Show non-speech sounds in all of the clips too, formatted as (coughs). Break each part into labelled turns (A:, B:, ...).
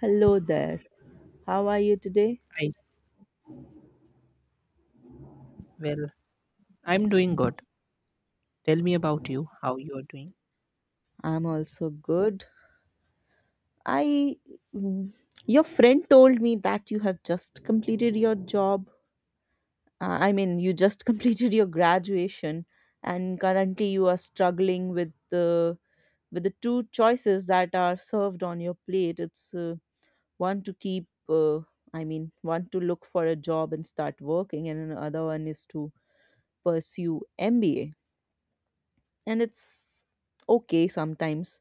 A: Hello there. How are you today?
B: Hi. Well, I'm doing good. Tell me about you, how you are doing.
A: I'm also good. I. mm, Your friend told me that you have just completed your job. You just (laughs) completed your graduation, and currently you are struggling with the two choices that are served on your plate. It's one to keep. I mean, one to look for a job and start working, and another one is to pursue MBA. And it's okay sometimes.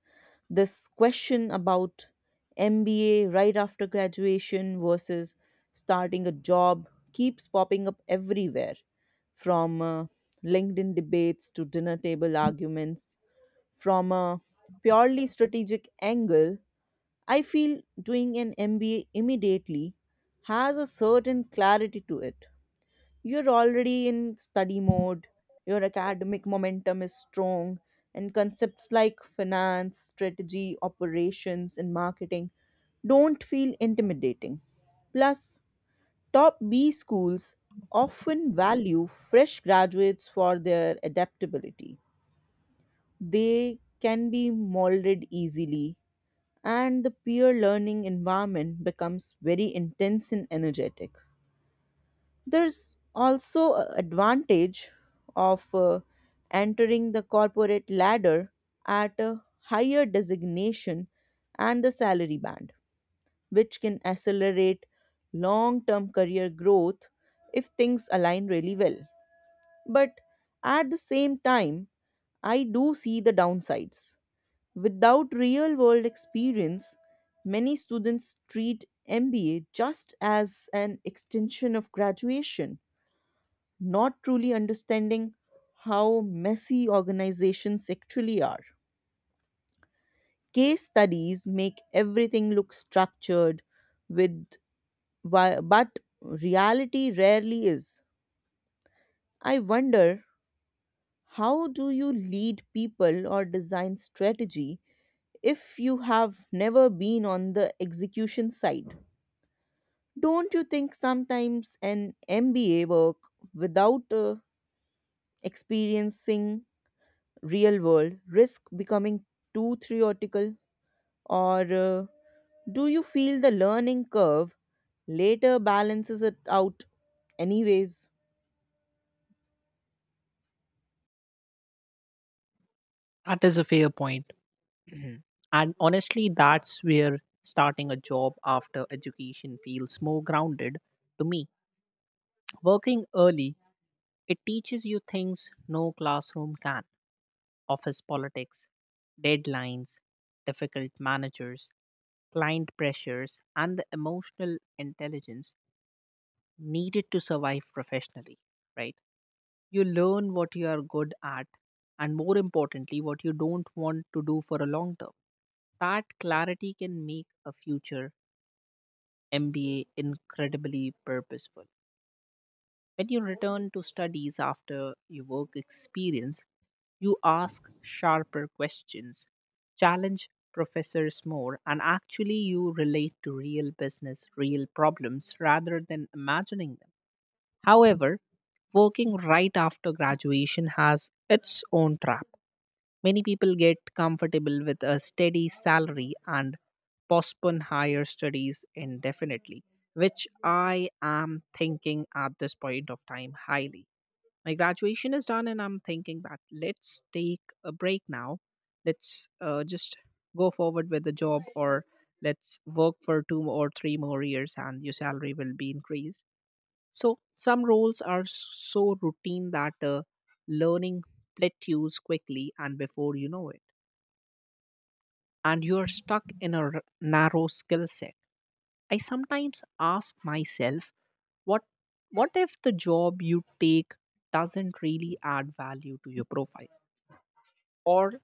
A: This question about MBA right after graduation versus starting a job keeps popping up everywhere from LinkedIn debates to dinner table arguments. From a purely strategic angle, I feel doing an MBA immediately has a certain clarity to it. You're already in study mode, your academic momentum is strong, and concepts like finance, strategy, operations, and marketing don't feel intimidating. Plus, top B schools often value fresh graduates for their adaptability. They can be molded easily, and the peer learning environment becomes very intense and energetic. There's also a advantage of entering the corporate ladder at a higher designation and the salary band, which can accelerate long-term career growth if things align really well. But at the same time, I do see the downsides. Without real world experience, many students treat MBA just as an extension of graduation, not truly understanding how messy organizations actually are. Case studies make everything look structured with but reality rarely is. I wonder, how do you lead people or design strategy if you have never been on the execution side? Don't you think sometimes an MBA work without experiencing real world risk becoming too theoretical? Or do you feel the learning curve later balances it out anyways?
B: That is a fair point. (clears throat) And honestly, that's where starting a job after education feels more grounded to me. Working early, it teaches you things no classroom can: office politics, deadlines, difficult managers, client pressures, and the emotional intelligence needed to survive professionally, right? You learn what you are good at and, more importantly, what you don't want to do for a long term. That clarity can make a future MBA incredibly purposeful. When you return to studies after your work experience, you ask sharper questions, challenge professors more, and actually you relate to real business, real problems rather than imagining them. However, working right after graduation has its own trap. Many people get comfortable with a steady salary and postpone higher studies indefinitely, which I am thinking at this point of time highly. My graduation is done, and I'm thinking that let's take a break now. Let's just go forward with the job, or let's work for two or three more years, and your salary will be increased. So some roles are so routine that learning plateaus quickly, and before you know it, and you are stuck in a narrow skill set. I sometimes ask myself, what what if the job you take doesn't really add value to your profile, or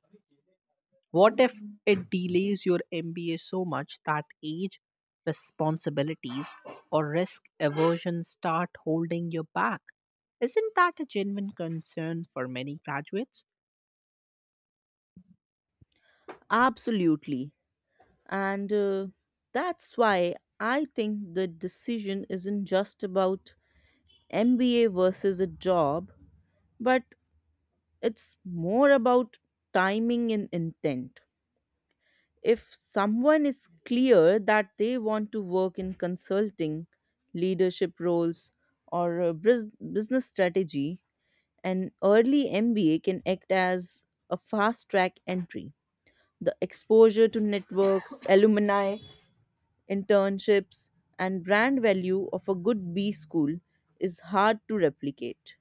B: what if it delays your MBA so much that age, responsibilities, or risk aversion start holding you back? Isn't that a genuine concern for many graduates?
A: Absolutely. And that's why I think the decision isn't just about MBA versus a job, but it's more about timing and intent. If someone is clear that they want to work in consulting, leadership roles, or business strategy, an early MBA can act as a fast track entry. The exposure to networks, (coughs) alumni, internships, and brand value of a good B school is hard to replicate.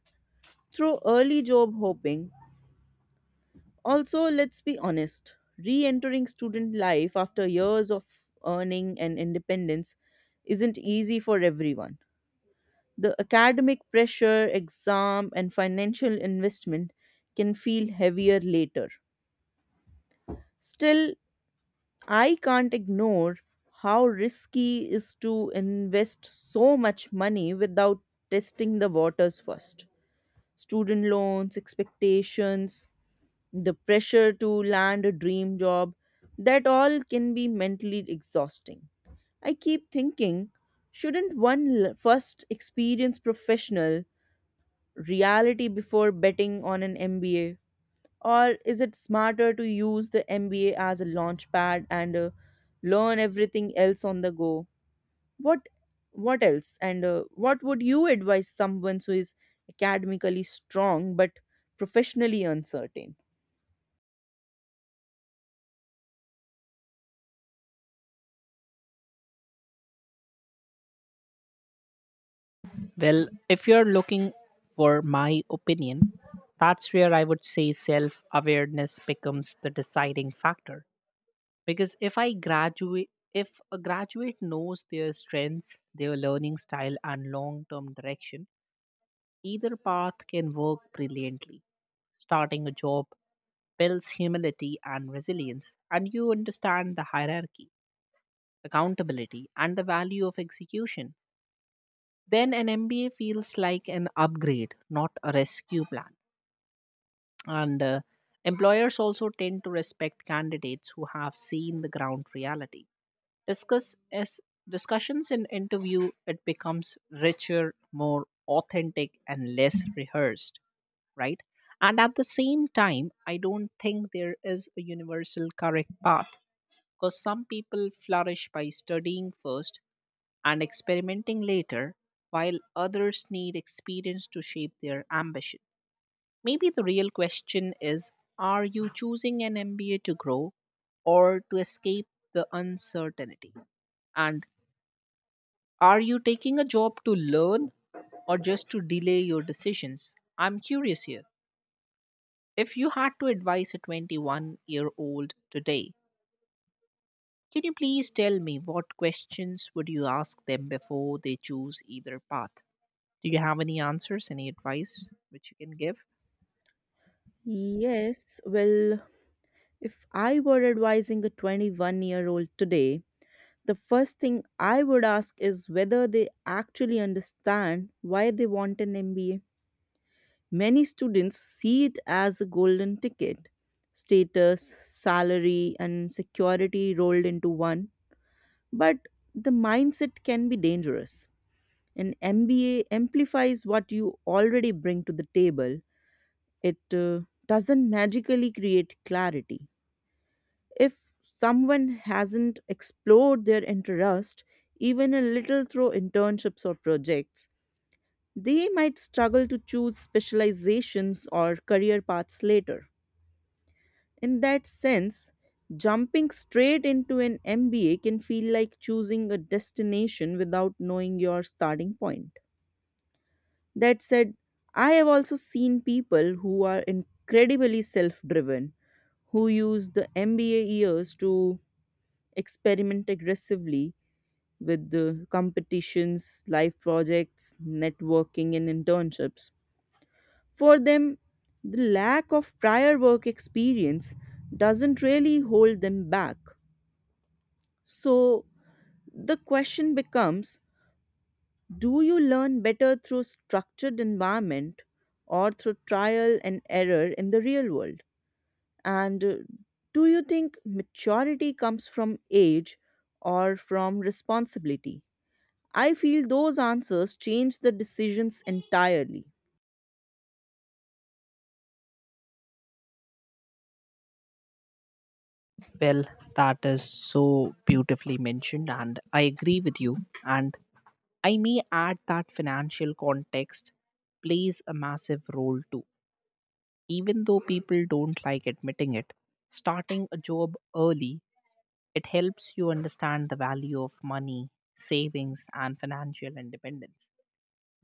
A: Through early job hopping, also, let's be honest, re entering student life after years of earning and independence isn't easy for everyone. The academic pressure, exam, and financial investment can feel heavier later. Still, I can't ignore how risky is to invest so much money without testing the waters first. Student loans, expectations, the pressure to land a dream job, that all can be mentally exhausting. I keep thinking, shouldn't one first experience professional reality before betting on an MBA? Or is it smarter to use the MBA as a launch pad and learn everything else on the go? What what else? And what would you advise someone who is academically strong but professionally uncertain?
B: Well, if you're looking for my opinion, that's where I would say self awareness becomes the deciding factor. Because if a graduate knows their strengths, their learning style, and long term direction, either path can work brilliantly. Starting a job builds humility and resilience, and you understand the hierarchy, accountability, and the value of execution. Then an MBA feels like an upgrade, not a rescue plan. And employers also tend to respect candidates who have seen the ground reality. Discuss as Discussions in interview, it becomes richer, more authentic, and less rehearsed, right? And at the same time, I don't think there is a universal correct path, because some people flourish by studying first and experimenting later, while others need experience to shape their ambition. Maybe the real question is, are you choosing an MBA to grow or to escape the uncertainty? And are you taking a job to learn or just to delay your decisions? I'm curious here. If you had to advise a 21-year-old today, can you please tell me what questions would you ask them before they choose either path? Do you have any answers, any advice which you can give?
A: Yes, well, if I were advising a 21-year-old today, the first thing I would ask is whether they actually understand why they want an MBA. Many students see it as a golden ticket, status, salary, and security rolled into one. But the mindset can be dangerous. An MBA amplifies what you already bring to the table, it doesn't magically create clarity. If someone hasn't explored their interest, even a little through internships or projects, they might struggle to choose specializations or career paths later. In that sense, jumping straight into an MBA can feel like choosing a destination without knowing your starting point. That said, I have also seen people who are incredibly self driven, who use the MBA years to experiment aggressively with the competitions, life projects, networking, and internships. For them, the lack of prior work experience doesn't really hold them back. So the question becomes, do you learn better through structured environment or through trial and error in the real world? And do you think maturity comes from age or from responsibility? I feel those answers change the decisions entirely.
B: Well, that is so beautifully mentioned, and I agree with you. And I may add that financial context plays a massive role too. Even though people don't like admitting it, starting a job early, it helps you understand the value of money, savings, and financial independence.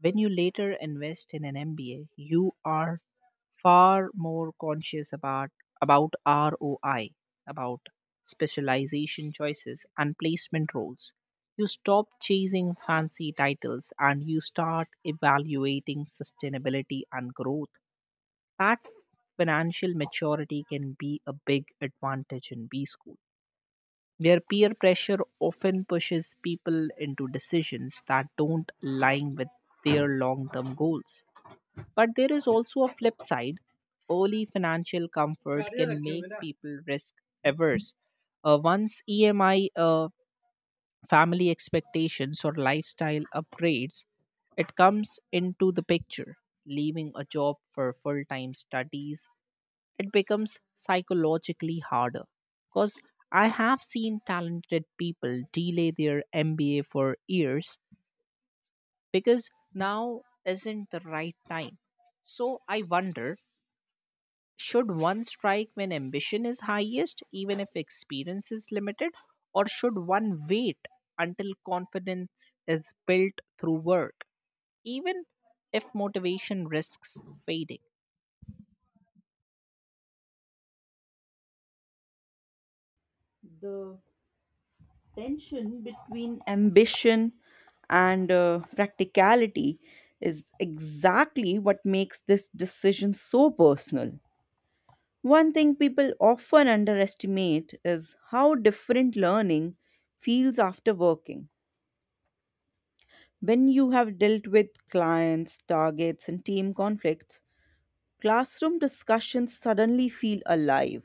B: When you later invest in an MBA, you are far more conscious about ROI, about specialization choices, and placement roles. You stop chasing fancy titles and you start evaluating sustainability and growth. That financial maturity can be a big advantage in B school, where peer pressure often pushes people into decisions that don't align with their long term goals. But there is also a flip side. Early financial comfort can make people risk averse. Once EMI, family expectations, or lifestyle upgrades, it comes into the picture. Leaving a job for full time studies, it becomes psychologically harder, because I have seen talented people delay their MBA for years because now isn't the right time. So I wonder, should one strike when ambition is highest, even if experience is limited, or should one wait until confidence is built through work, even if motivation risks fading?
A: The tension between ambition and practicality is exactly what makes this decision so personal. One thing people often underestimate is how different learning feels after working. When you have dealt with clients, targets, and team conflicts, classroom discussions suddenly feel alive.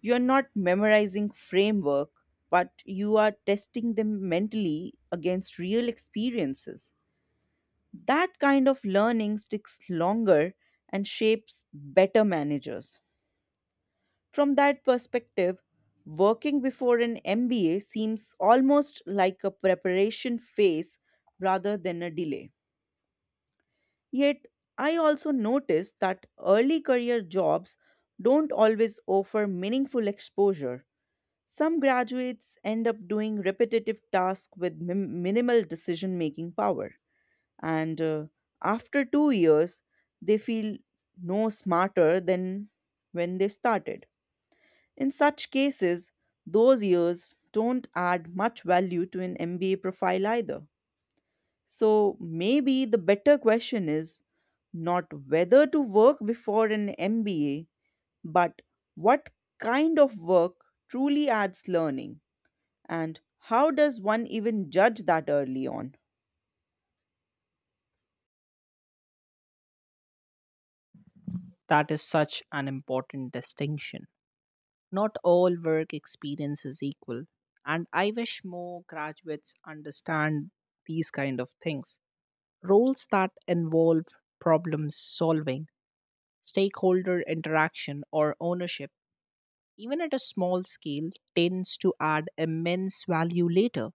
A: You are not memorizing framework, but you are testing them mentally against real experiences. That kind of learning sticks longer and shapes better managers. From that perspective, working before an MBA seems almost like a preparation phase rather than a delay. Yet I also noticed that early career jobs don't always offer meaningful exposure. Some graduates end up doing repetitive tasks with minimal decision making power. And after 2 years, they feel no smarter than when they started. In such cases, those years don't add much value to an MBA profile either. So maybe the better question is not whether to work before an MBA, but what kind of work truly adds learning and how does one even judge that early on?
B: That is such an important distinction. Not all work experience is equal, and I wish more graduates understand these kind of things. Roles that involve problem solving, stakeholder interaction, or ownership, even at a small scale, tends to add immense value later.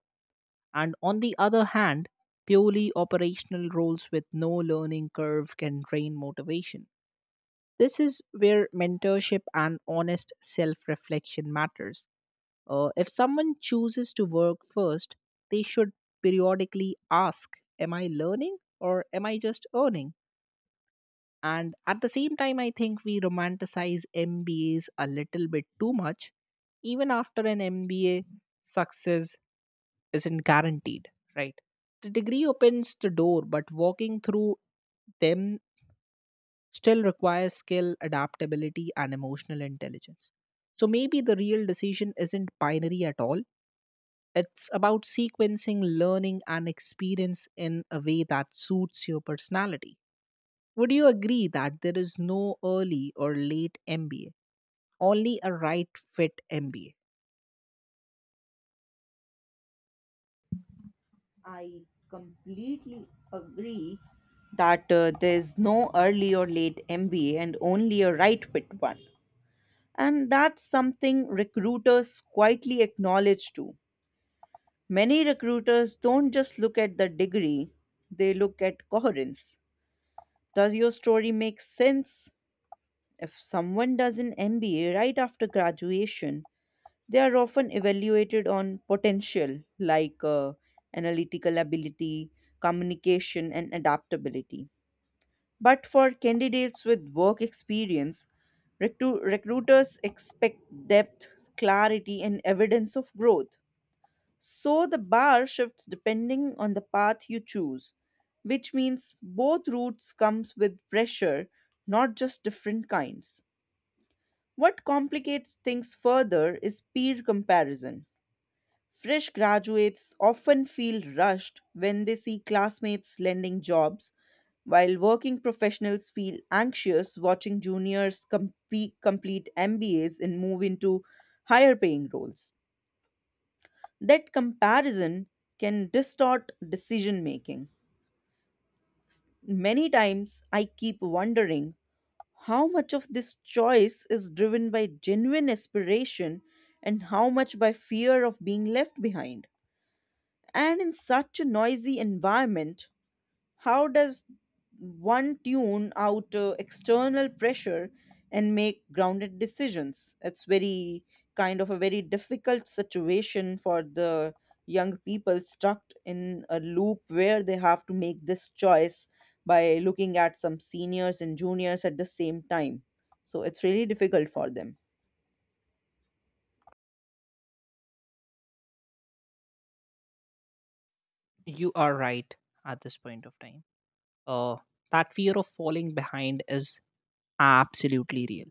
B: And on the other hand, purely operational roles with no learning curve can drain motivation. This is where mentorship and honest self reflection matters. If someone chooses to work first, they should periodically ask, am I learning or am I just earning? And at the same time, I think we romanticize MBAs a little bit too much. Even after an MBA, success isn't guaranteed, right? The degree opens the door, but walking through them still requires skill, adaptability, and emotional intelligence. So maybe the real decision isn't binary at all. It's about sequencing learning and experience in a way that suits your personality. Would you agree that there is no early or late MBA, only a right fit MBA?
A: I completely agree that there's no early or late MBA and only a right fit one. And that's something recruiters quietly acknowledge too. Many recruiters don't just look at the degree, they look at coherence. Does your story make sense? If someone does an MBA right after graduation, they are often evaluated on potential like analytical ability, communication, and adaptability. But for candidates with work experience, recruiters expect depth, clarity, and evidence of growth. So the bar shifts depending on the path you choose, which means both routes comes with pressure, not just different kinds. What complicates things further is peer comparison. Fresh graduates often feel rushed when they see classmates landing jobs, while working professionals feel anxious watching juniors complete MBAs and move into higher paying roles. That comparison can distort decision making. Many times I keep wondering how much of this choice is driven by genuine aspiration and how much by fear of being left behind. And in such a noisy environment, how does one tune out external pressure and make grounded decisions? It's very kind of a very difficult situation for the young people stuck in a loop where they have to make this choice by looking at some seniors and juniors at the same time. So it's really difficult for them.
B: You are right at this point of time. Uh, that fear of falling behind is absolutely real,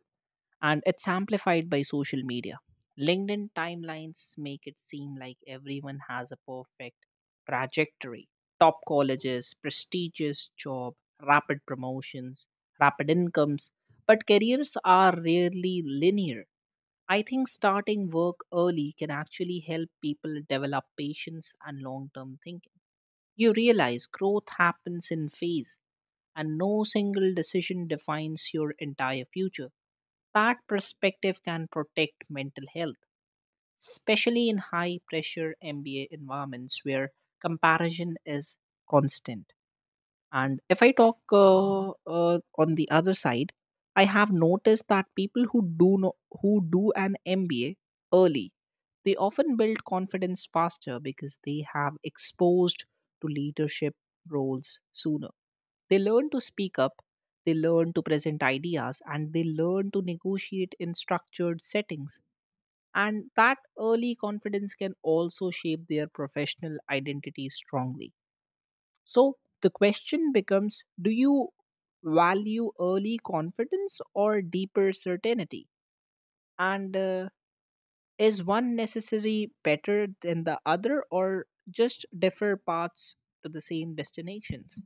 B: and it's amplified by social media. LinkedIn timelines make it seem like everyone has a perfect trajectory: top colleges, prestigious job, rapid promotions, rapid incomes. But careers are rarely linear. I think starting work early can actually help people develop patience and long term thinking. You realize growth happens in phase, and no single decision defines your entire future. That perspective can protect mental health, especially in high pressure MBA environments where comparison is constant. And if I talk on the other side, I have noticed that people who do no, who do an MBA early, they often build confidence faster because they have exposed to leadership roles sooner. They learn to speak up, they learn to present ideas, and they learn to negotiate in structured settings. And that early confidence can also shape their professional identity strongly. So the question becomes, do you value early confidence or deeper certainty? And is one necessary better than the other, or just differ paths to the same destinations?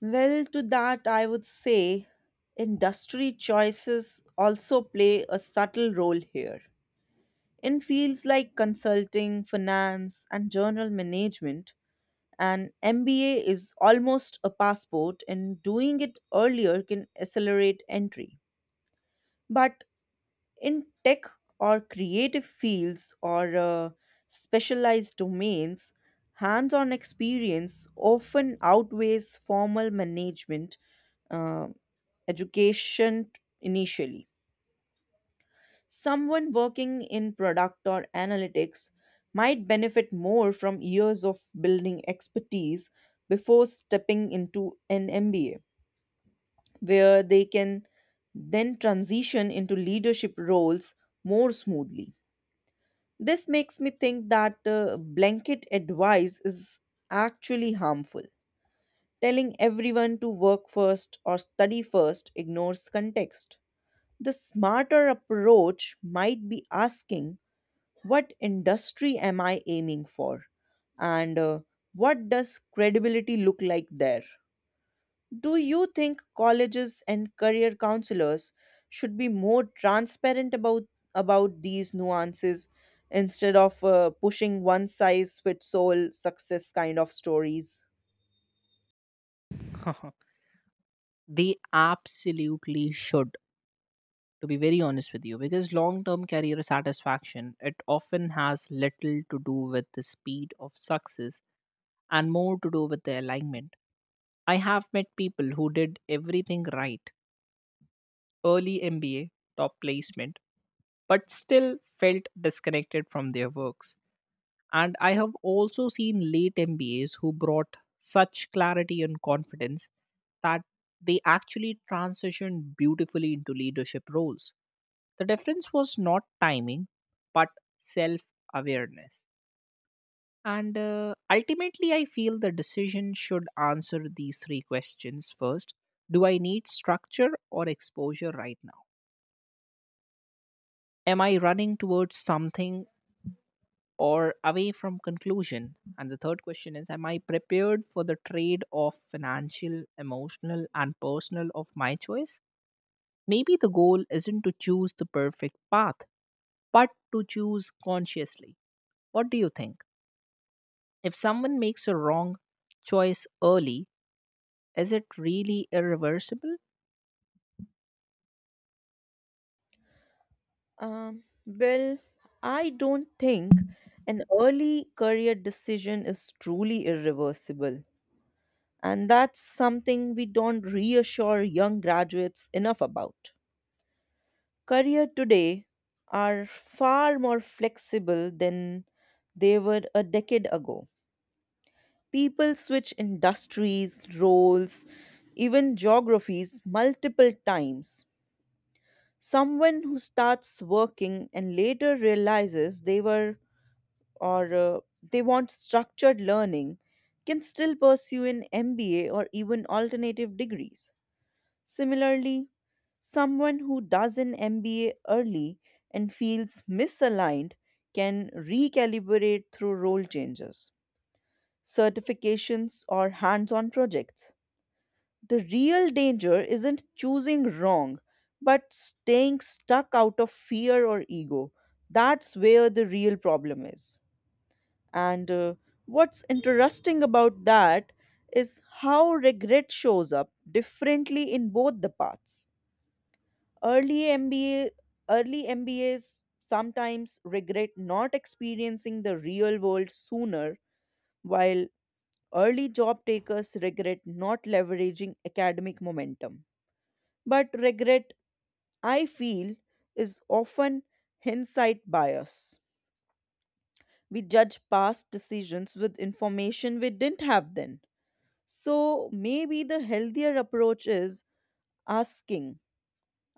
A: Well, to that, I would say industry choices also play a subtle role here. In fields like consulting, finance, and journal management, an MBA is almost a passport, and doing it earlier can accelerate entry. But in tech or creative fields or specialized domains, hands on experience often outweighs formal management uh, education initially. Someone working in product or analytics might benefit more from years of building expertise before stepping into an MBA, where they can then transition into leadership roles more smoothly. This makes me think that blanket advice is actually harmful. Telling everyone to work first or study first ignores context. The smarter approach might be asking, what industry am I aiming for? And what does credibility look like there? Do you think colleges and career counselors should be more transparent about these nuances instead of pushing one size fits all success kind of stories?
B: (laughs) They absolutely should, to be very honest with you, because long term career satisfaction, it often has little to do with the speed of success and more to do with the alignment. I have met people who did everything right: early MBA, top placement, but still felt disconnected from their works. And I have also seen late MBAs who brought such clarity and confidence that they actually transitioned beautifully into leadership roles. The difference was not timing, but self awareness. And ultimately, I feel the decision should answer these three questions first: do I need structure or exposure right now? Am I running towards something or away from conclusion? And the third question is, am I prepared for the trade of financial, emotional, and personal of my choice? Maybe the goal isn't to choose the perfect path, but to choose consciously. What do you think, if someone makes a wrong choice early, is it really irreversible?
A: Well, I don't think an early career decision is truly irreversible, and that's something we don't reassure young graduates enough about. Career today are far more flexible than they were a decade ago. People switch industries, roles, even geographies multiple times. Someone who starts working and later realizes they were or they want structured learning can still pursue an MBA or even alternative degrees. Similarly, someone who does an MBA early and feels misaligned can recalibrate through role changes, certifications, or hands on projects. The real danger isn't choosing wrong, but staying stuck out of fear or ego. That's where the real problem is. And what's interesting about that is how regret shows up differently in both the paths. Early MBA, early MBAs sometimes regret not experiencing the real world sooner, while early job takers regret not leveraging academic momentum. But regret, I feel, is often hindsight bias. We judge past decisions with information we didn't have then. So maybe the healthier approach is asking,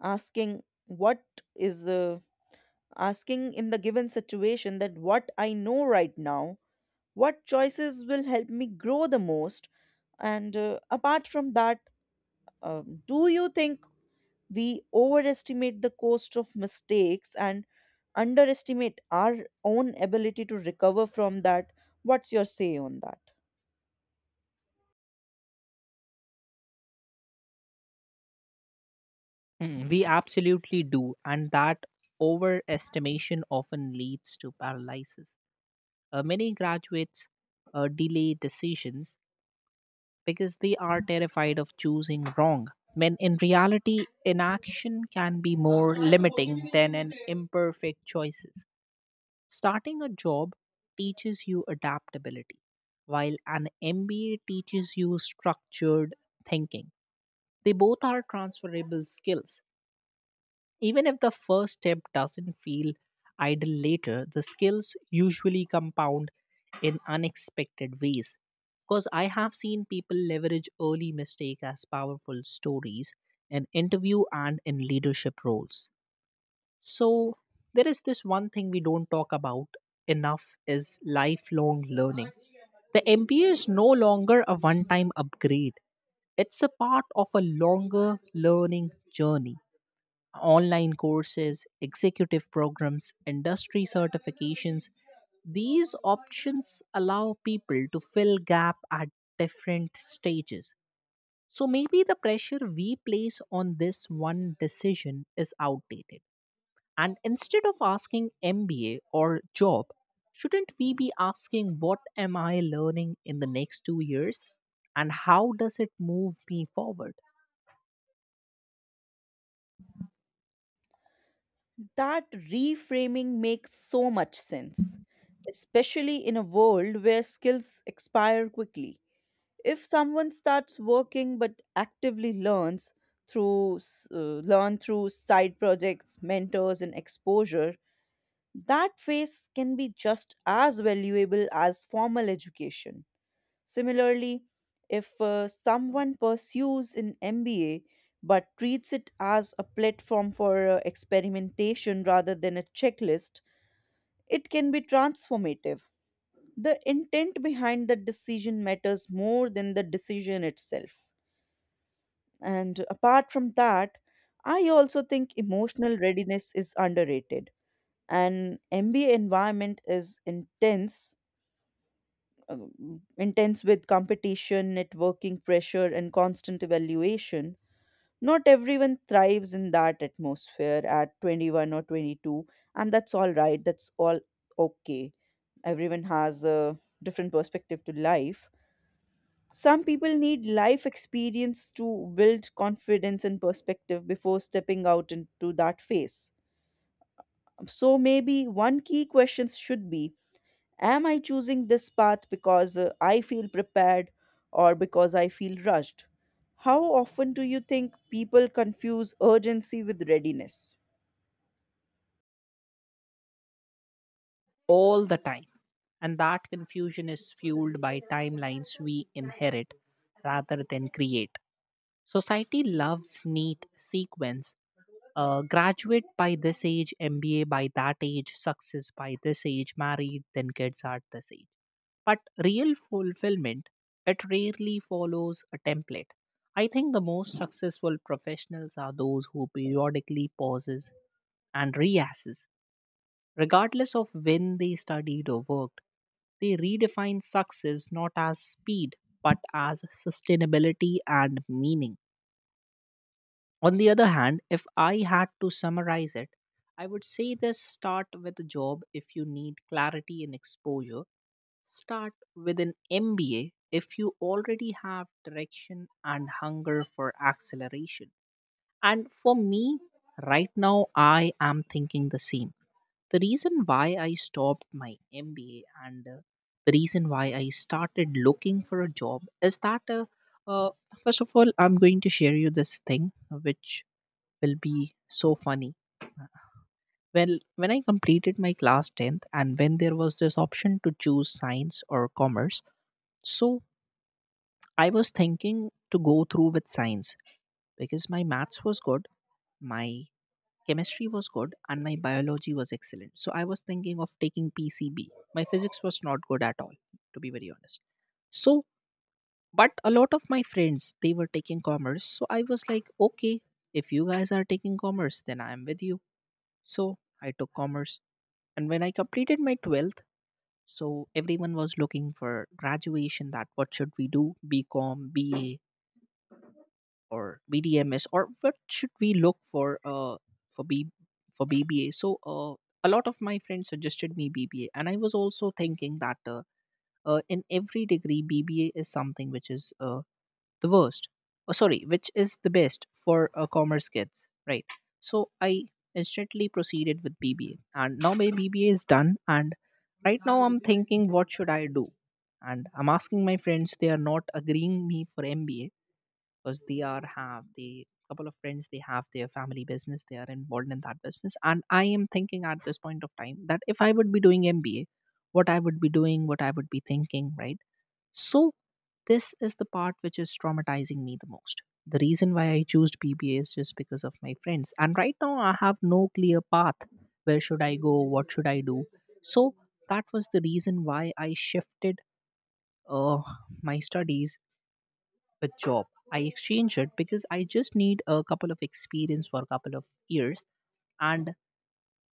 A: asking what is asking, in the given situation that what I know right now, what choices will help me grow the most. And apart from that, do you think we overestimate the cost of mistakes and underestimate our own ability to recover from that. What's your say on that?
B: Mm, we absolutely do, and that overestimation often leads to paralysis. Many graduates delay decisions because they are terrified of choosing wrong, when in reality, inaction can be more limiting than an imperfect choices. Starting a job teaches you adaptability, while an MBA teaches you structured thinking. They both are transferable skills. Even if the first step doesn't feel idle later, the skills usually compound in unexpected ways, because I have seen people leverage early mistake as powerful stories in interview and in leadership roles. So, there is this one thing we don't talk about enough, is lifelong learning. The MBA is no longer a one time upgrade. It's a part of a longer learning journey: online courses, executive programs, industry certifications. These options allow people to fill gap at different stages. So maybe the pressure we place on this one decision is outdated. And instead of asking MBA or job, shouldn't we be asking what am I learning in the next 2 years and how does it move me forward?
A: That reframing makes so much sense, especially in a world where skills expire quickly. If someone starts working but actively learns through s- learn through side projects, mentors and exposure, that phase can be just as valuable as formal education. Similarly, if someone pursues an MBA but treats it as a platform for experimentation rather than a checklist, it can be transformative. The intent behind the decision matters more than the decision itself. And apart from that, I also think emotional readiness is underrated. An MBA environment is intense, intense with competition, networking pressure, and constant evaluation. Not everyone thrives in that atmosphere at 21 or 22, and that's all right. That's all okay. Everyone has a different perspective to life. Some people need life experience to build confidence and perspective before stepping out into that phase. So maybe one key question should be, am I choosing this path because I feel prepared or because I feel rushed? How often do you think people confuse urgency with readiness?
B: All the time. And that confusion is fueled by timelines we inherit rather than create. Society loves neat sequence. Graduate by this age, MBA by that age, success by this age, married, then kids at this age. But real fulfillment, it rarely follows a template. I think the most successful professionals are those who periodically pauses and reasses, regardless of when they studied or worked. They redefine success not as speed, but as sustainability and meaning. On the other hand, if I had to summarize it, I would say this: start with a job if you need clarity and exposure. Start with an MBA if you already have direction and hunger for acceleration. And for me, right now, I am thinking the same. The reason why I stopped my MBA and the reason why I started looking for a job is that, uh, first of all, I'm going to share you this thing which will be so funny. Well, when I completed my class 10th and when there was this option to choose science or commerce, so I was thinking to go through with science because my maths was good, my Chemistry was good and my biology was excellent. So I was thinking of taking PCB. My physics was not good at all, to be very honest. So, but a lot of my friends, they were taking commerce. So I was like, okay, if you guys are taking commerce, then I am with you. So I took commerce. And when I completed my 12th, so everyone was looking for graduation. That what should we do? BCom, BA, or BDMS, or what should we look for B for BBA? A lot of my friends suggested me BBA, and I was also thinking that in every degree BBA is something which is the worst. Oh, sorry, which is the best for commerce kids, right? So I instantly proceeded with BBA, and now my BBA is done, and right now I'm thinking what should I do, and I'm asking my friends. They are not agreeing me for MBA because they are have the couple of friends, they have their family business, they are involved in that business. And I am thinking at this point of time that if I would be doing MBA, what I would be doing, what I would be thinking, right? So this is the part which is traumatizing me the most. The reason why I choose BBA is just because of my friends, and right now I have no clear path. Where should I go, what should I do? So that was the reason why I shifted uh, my studies with job. I exchanged it because I just need a couple of experience for a couple of years. And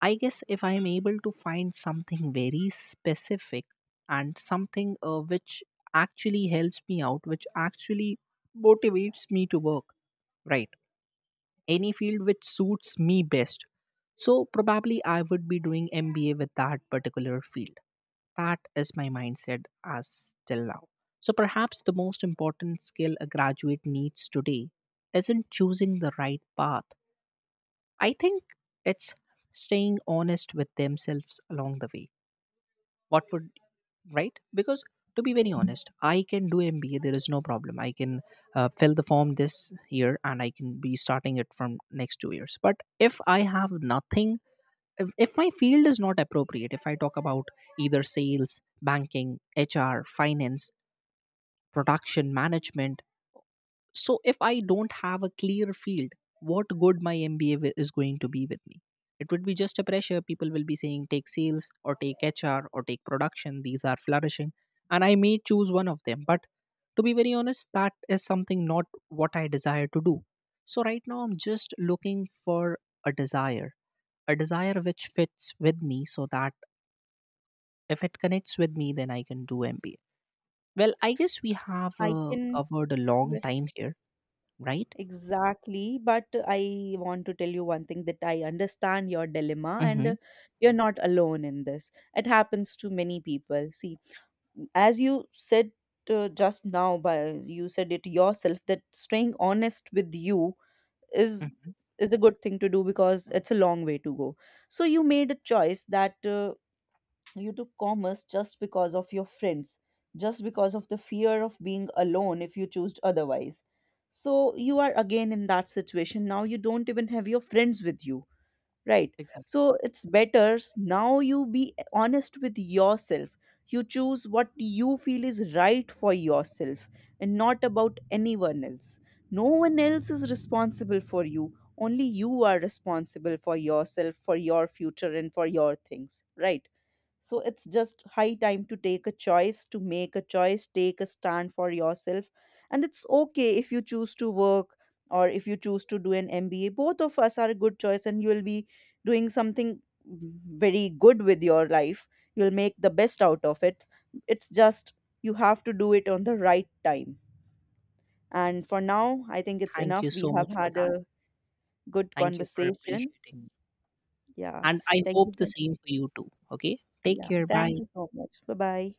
B: I guess if I am able to find something very specific and something which actually helps me out, which actually motivates me to work, right? Any field which suits me best. So probably I would be doing MBA with that particular field. That is my mindset as till now. So perhaps the most important skill a graduate needs today isn't choosing the right path. I think it's staying honest with themselves along the way. What would right? Because to be very honest, I can do MBA. There is no problem. I can fill the form this year and I can be starting it from next 2 years. But if I have nothing, if my field is not appropriate, if I talk about either sales, banking, HR, finance, production management, so if I don't have a clear field, what good my MBA is going to be with me? It would be just a pressure. People will be saying take sales or take HR or take production, these are flourishing. And I may choose one of them, but to be very honest, that is something not what I desire to do. So right now I'm just looking for a desire, a desire which fits with me so that if it connects with me, then I can do MBA. Well, I guess we have
A: I can
B: covered a long
A: well,
B: time here, right?
A: exactly, but I want to tell you one thing that I understand your dilemma and
B: Mm-hmm.
A: you're not alone in this. It happens to many people. See, as you said just now, by you said it yourself that staying honest with you is
B: Mm-hmm.
A: is a good thing to do because it's a long way to go. So you made a choice that you took commerce just because of your friends, just because of the fear of being alone if you choose otherwise. So you are again in that situation. Now you don't even have your friends with you, right?
B: Exactly.
A: So now you be honest with yourself, you choose what you feel is right for yourself and not about anyone else. No one else is responsible for you, only you are responsible for yourself, for your future and for your things, right? So it's just high time to take a choice, to make a choice, take a stand for yourself. And it's okay if you choose to work or if you choose to do an MBA. Both of us are a good choice, and you will be doing something very good with your life. You'll make the best out of it. It's just you have to do it on the right time. And for now, I think it's
B: Thank you
A: enough. We
B: so
A: have
B: much for
A: had
B: that.
A: a good
B: Thank you for
A: conversation.
B: appreciating me.
A: Yeah.
B: And I
A: Thank
B: hope
A: you.
B: the
A: For,
B: same for you too. Okay. Take
A: yeah.
B: care.
A: Thank
B: Bye.
A: you so much. Bye bye.